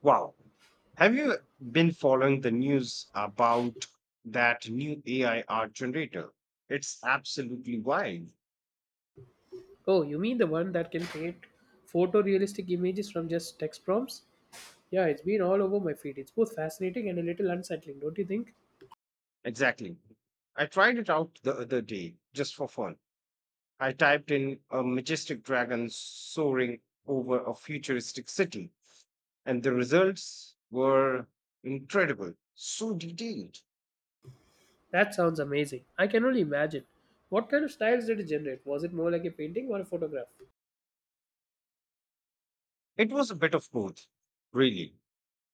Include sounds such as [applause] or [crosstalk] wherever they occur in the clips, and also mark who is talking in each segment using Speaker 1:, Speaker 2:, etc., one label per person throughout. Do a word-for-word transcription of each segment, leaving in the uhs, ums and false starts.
Speaker 1: Wow. Have you been following the news about that new A I art generator? It's absolutely wild.
Speaker 2: Oh, you mean the one that can create photorealistic images from just text prompts? Yeah, it's been all over my feed. It's both fascinating and a little unsettling, don't you think?
Speaker 1: Exactly. I tried it out the other day just for fun. I typed in a majestic dragon soaring over a futuristic city, and the results were incredible. So detailed.
Speaker 2: That sounds amazing. I can only imagine. What kind of styles did it generate? Was it more like a painting or a photograph?
Speaker 1: It was a bit of both, really.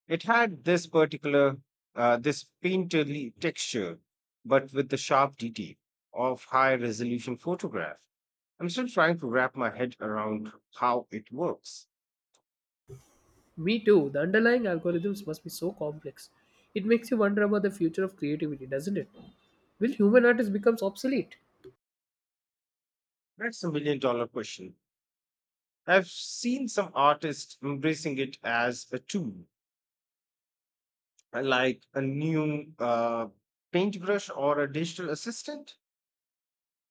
Speaker 1: It had this particular, uh, this painterly texture, but with the sharp detail of high resolution photograph. I'm still trying to wrap my head around how it works.
Speaker 2: Me too. The underlying algorithms must be so complex. It makes you wonder about the future of creativity, doesn't it? Will human artists become obsolete?
Speaker 1: That's a million dollar question. I've seen some artists embracing it as a tool, uh, like a new uh, paintbrush or a digital assistant.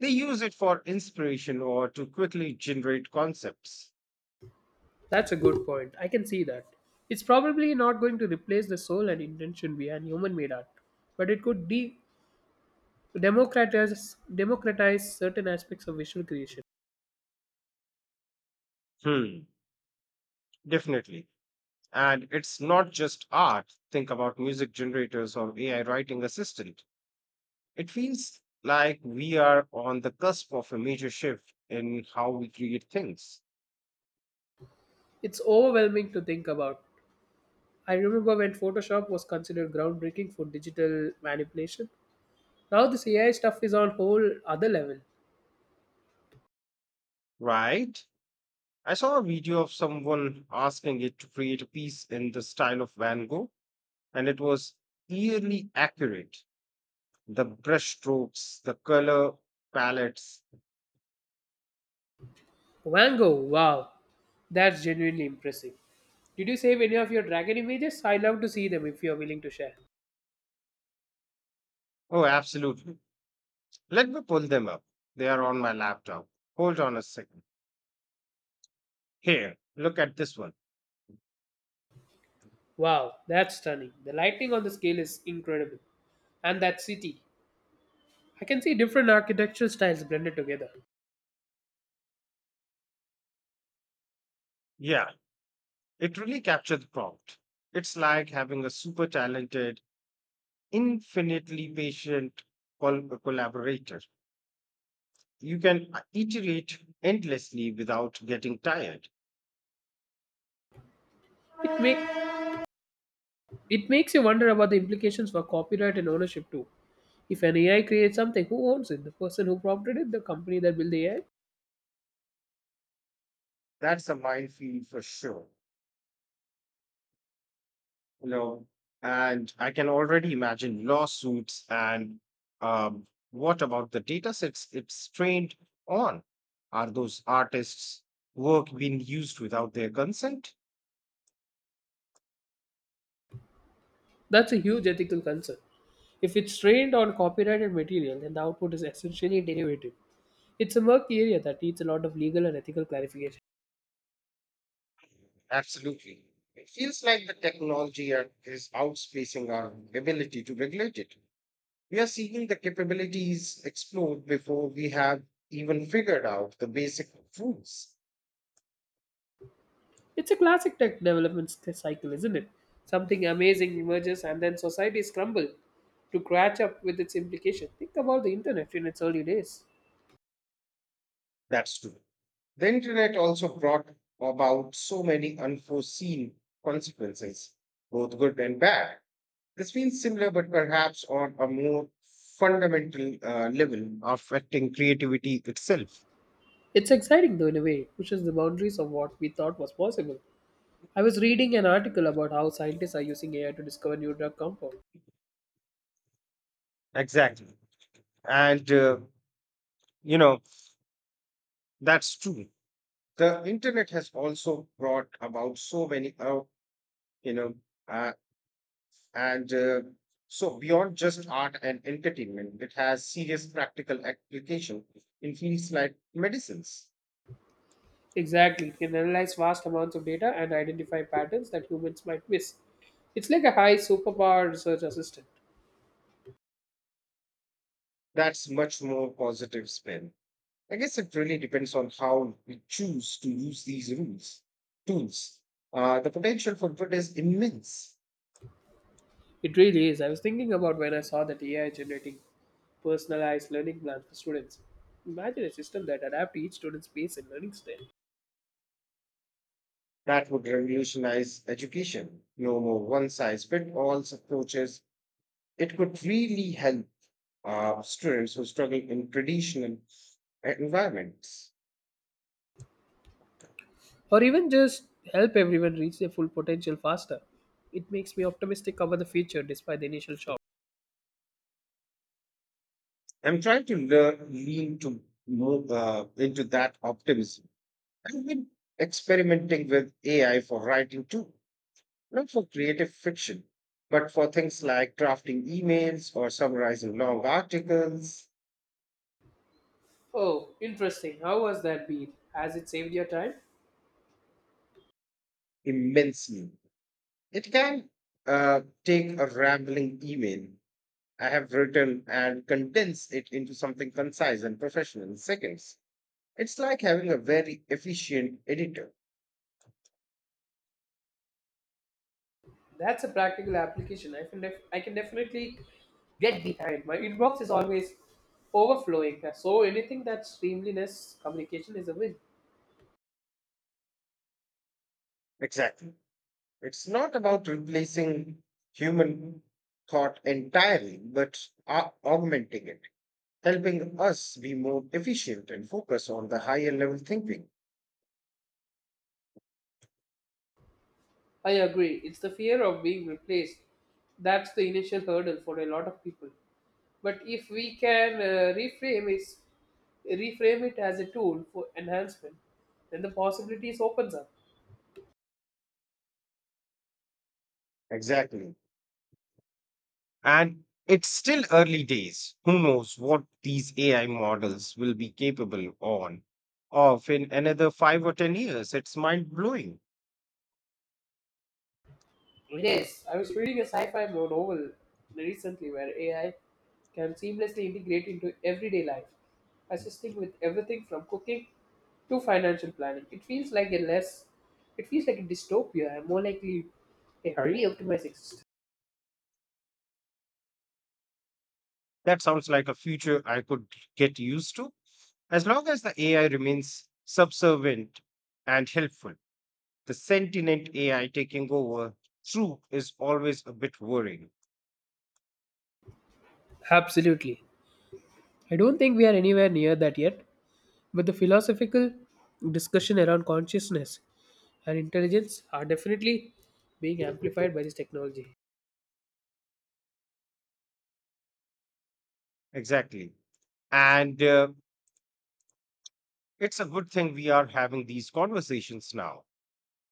Speaker 1: They use it for inspiration or to quickly generate concepts.
Speaker 2: That's a good point. I can see that. It's probably not going to replace the soul and intention behind human made art, but it could de to democratize democratize certain aspects of visual creation.
Speaker 1: Hmm, definitely. And it's not just art. Think about music generators or A I writing assistant. It feels like we are on the cusp of a major shift in how we create things,
Speaker 2: It's overwhelming to think about. I remember when Photoshop was considered groundbreaking for digital manipulation. Now this A I stuff is on whole other level.
Speaker 1: right? I saw a video of someone asking it to create a piece in the style of Van Gogh, and it was eerily accurate. The brush strokes, the color palettes.
Speaker 2: Van Gogh, wow, that's genuinely impressive. Did you save any of your dragon images? I would love to see them if you are willing to share.
Speaker 1: Oh, absolutely. Let me pull them up. They are on my laptop. Hold on a second. Here, look at this one.
Speaker 2: Wow, that's stunning. The lighting on the scale is incredible. And that city. I can see different architectural styles blended together.
Speaker 1: Yeah, it really captured the prompt. It's like having a super talented, infinitely patient col- collaborator. You can uh, iterate endlessly without getting tired.
Speaker 2: It make It makes you wonder about the implications for copyright and ownership too. If an A I creates something, who owns it? The person who prompted it? The company that built the A I?
Speaker 1: That's a minefield for sure. No, and I can already imagine lawsuits and um, what about the data sets it's trained on? Are those artists' work being used without their consent?
Speaker 2: That's a huge ethical concern. If it's trained on copyrighted material, then the output is essentially derivative. It's a murky area that needs a lot of legal and ethical clarification.
Speaker 1: Absolutely. It feels like the technology are- is outspacing our ability to regulate it. We are seeing the capabilities explode before we have even figured out the basic rules.
Speaker 2: It's a classic tech development sc- cycle, isn't it? Something amazing emerges and then societies crumble to catch up with its implication. Think about the internet in its early days.
Speaker 1: That's true. The internet also brought about so many unforeseen consequences, both good and bad. This feels similar, but perhaps on a more fundamental uh, level, affecting creativity itself.
Speaker 2: It's exciting though in a way, it pushes the boundaries of what we thought was possible. I was reading an article about how scientists are using A I to discover new drug compounds.
Speaker 1: Exactly. And, uh, you know, that's true. The internet has also brought about so many, uh, you know, uh, And uh, so, beyond just art and entertainment, it has serious practical application in fields like medicines.
Speaker 2: Exactly, it can analyze vast amounts of data and identify patterns that humans might miss. It's like a high superpower research assistant.
Speaker 1: That's much more positive spin. I guess it really depends on how we choose to use these rules, tools. Uh, the potential for good is immense.
Speaker 2: It really is. I was thinking about when I saw that A I generating personalized learning plans for students. Imagine a system that adapts to each student's pace and learning style.
Speaker 1: That would revolutionize education. No more one size fits all approaches. It could really help uh, students who struggle in traditional environments.
Speaker 2: Or even just help everyone reach their full potential faster. It makes me optimistic about the future despite the initial shock.
Speaker 1: I'm trying to learn, lean to move uh, into that optimism. I've been experimenting with A I for writing too, not for creative fiction, but for things like drafting emails or summarizing long articles
Speaker 2: Oh, interesting. How was that beat? Has it saved your time?
Speaker 1: immensely. It can uh, take a rambling email I have written and condense it into something concise and professional in seconds. It's like having a very efficient editor.
Speaker 2: That's a practical application. I can, def- I can definitely get behind. My inbox is always overflowing. So anything that's streamliness communication is a win.
Speaker 1: Exactly. It's not about replacing human thought entirely, but au- augmenting it, helping us be more efficient and focus on the higher level thinking.
Speaker 2: I agree. It's the fear of being replaced. That's the initial hurdle for a lot of people. But if we can uh, reframe it, reframe it as a tool for enhancement, then the possibilities opens up.
Speaker 1: Exactly. And it's still early days. Who knows what these A I models will be capable on of in another five or ten years. It's mind blowing.
Speaker 2: It is. I was reading a sci-fi novel recently where A I can seamlessly integrate into everyday life, assisting with everything from cooking to financial planning. It feels like a less, it feels like a dystopia and more likely a highly optimized.
Speaker 1: That sounds like a future I could get used to. As long as the A I remains subservient and helpful, the sentient A I taking over true is always a bit worrying.
Speaker 2: Absolutely. I don't think we are anywhere near that yet, but the philosophical discussion around consciousness and intelligence are definitely being amplified by this technology.
Speaker 1: Exactly. And uh, It's a good thing we are having these conversations now.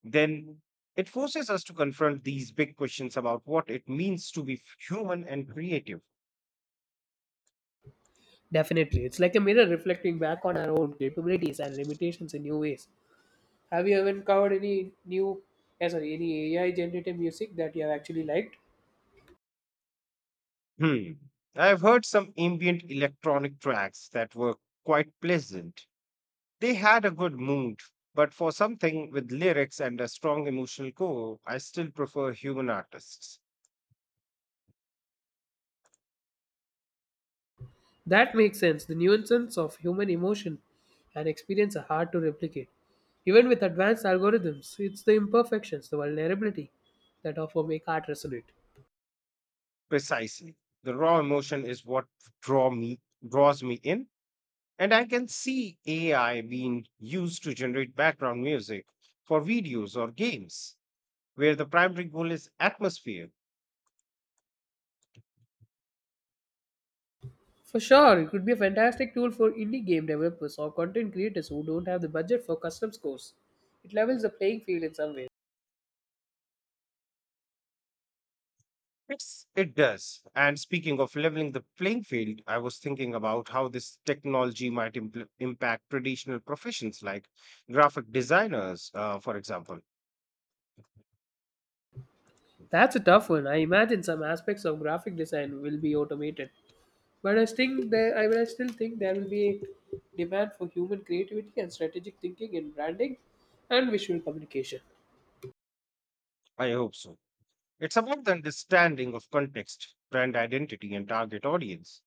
Speaker 1: Then it forces us to confront these big questions about what it means to be f- human and creative.
Speaker 2: Definitely. It's like a mirror reflecting back on our own capabilities and limitations in new ways. Have you ever encountered any new yeah, sorry, any A I generated music that you have actually liked?
Speaker 1: Hmm. I've heard some ambient electronic tracks that were quite pleasant. They had a good mood, but for something with lyrics and a strong emotional core, I still prefer human artists.
Speaker 2: That makes sense. The nuances of human emotion and experience are hard to replicate. Even with advanced algorithms, it's the imperfections, the vulnerability that often make art resonate.
Speaker 1: Precisely. The raw emotion is what draw me draws me in, and I can see A I being used to generate background music for videos or games, where the primary goal is atmosphere.
Speaker 2: For sure, it could be a fantastic tool for indie game developers or content creators who don't have the budget for custom scores. It levels the playing field in some ways.
Speaker 1: It's, it does. And speaking of leveling the playing field, I was thinking about how this technology might impl- impact traditional professions like graphic designers, uh, for example.
Speaker 2: That's a tough one. I imagine some aspects of graphic design will be automated. But I think there, I, I still think there will be a demand for human creativity and strategic thinking in branding and visual communication.
Speaker 1: I hope so. It's about the understanding of context, brand identity, and target audience,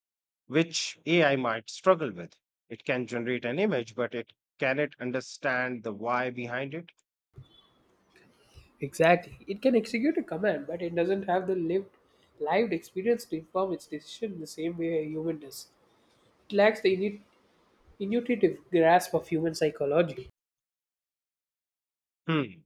Speaker 1: which A I might struggle with. It can generate an image, but it can it understand the why behind it?
Speaker 2: Exactly. It can execute a command, but it doesn't have the lived, lived experience to inform its decision the same way a human does. It lacks the init- intuitive grasp of human psychology.
Speaker 1: Hmm.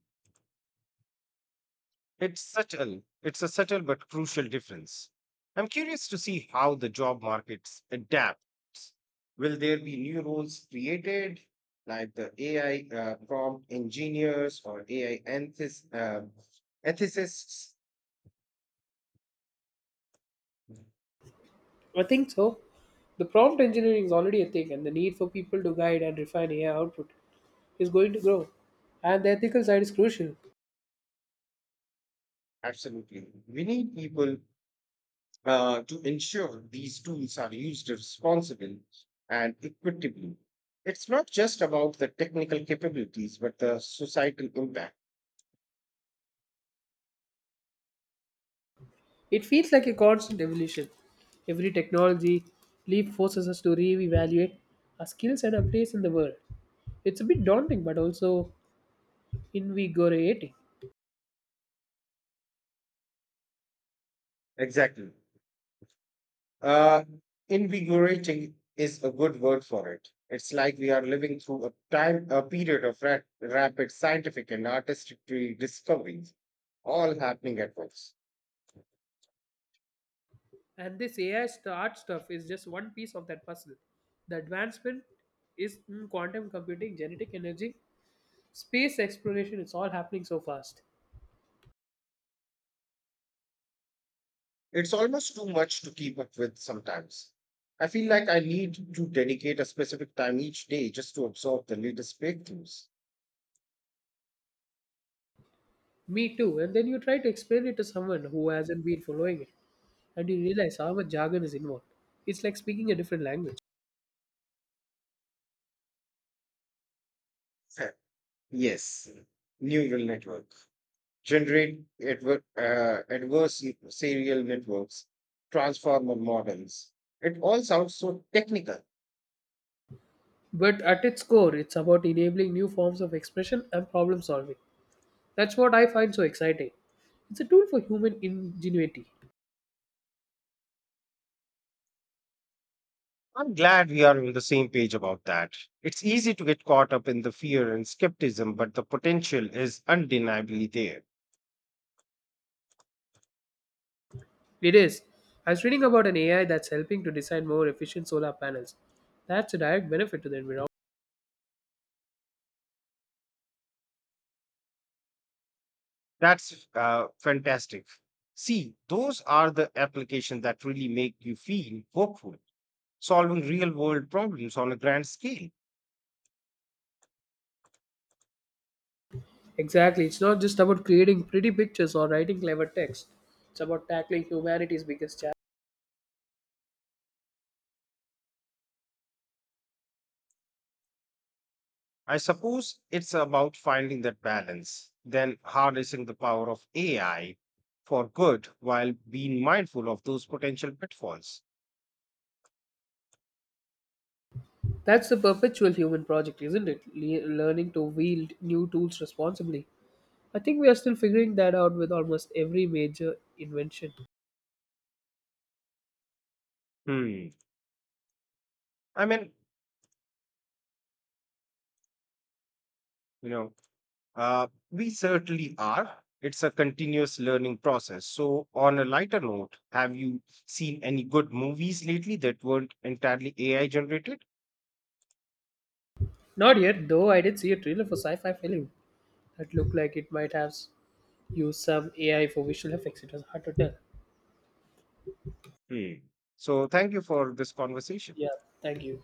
Speaker 1: It's subtle. It's a subtle but crucial difference. I'm curious to see how the job markets adapts. Will there be new roles created, like the A I uh, prompt engineers or A I enthis, uh, ethicists?
Speaker 2: I think so. The prompt engineering is already a thing, and the need for people to guide and refine A I output is going to grow. And the ethical side is crucial.
Speaker 1: Absolutely. We need people uh, to ensure these tools are used responsibly and equitably. It's not just about the technical capabilities, but the societal impact.
Speaker 2: It feels like a constant evolution. Every technology leap forces us to re-evaluate our skills and our place in the world. It's a bit daunting, but also invigorating.
Speaker 1: Exactly. Uh, invigorating is a good word for it. It's like we are living through a time, a period of ra- rapid scientific and artistic discoveries, all happening at once.
Speaker 2: And this A I st- art stuff is just one piece of that puzzle. The advancement is in quantum computing, genetic energy, space exploration. It's all happening so fast.
Speaker 1: It's almost too much to keep up with sometimes. I feel like I need to dedicate a specific time each day just to absorb the latest breakthroughs.
Speaker 2: Me too. And then you try to explain it to someone who hasn't been following it, and you realize how much jargon is involved. It's like speaking a different language.
Speaker 1: Heh, [laughs] yes, neural network, generate adver- uh, adverse serial networks, transformer models. It all sounds so technical.
Speaker 2: But at its core, it's about enabling new forms of expression and problem solving. That's what I find so exciting. It's a tool for human ingenuity.
Speaker 1: I'm glad we are on the same page about that. It's easy to get caught up in the fear and skepticism, but the potential is undeniably there.
Speaker 2: It is. I was reading about an A I that's helping to design more efficient solar panels. That's a direct benefit to the environment.
Speaker 1: That's uh, fantastic. See, those are the applications that really make you feel hopeful, solving real world problems on a grand scale.
Speaker 2: Exactly. It's not just about creating pretty pictures or writing clever text. It's about tackling humanity's biggest challenge.
Speaker 1: I suppose it's about finding that balance, then harnessing the power of A I for good while being mindful of those potential pitfalls.
Speaker 2: That's the perpetual human project, isn't it? Le- learning to wield new tools responsibly. I think we are still figuring that out with almost every major invention.
Speaker 1: Hmm. I mean, you know, Uh, we certainly are. It's a continuous learning process. So, on a lighter note, have you seen any good movies lately that weren't entirely A I generated?
Speaker 2: Not yet, though I did see a trailer for sci fi film that looked like it might have s- used some A I for visual effects. It was hard to tell.
Speaker 1: Hmm. So, thank you for this conversation.
Speaker 2: Yeah, thank you.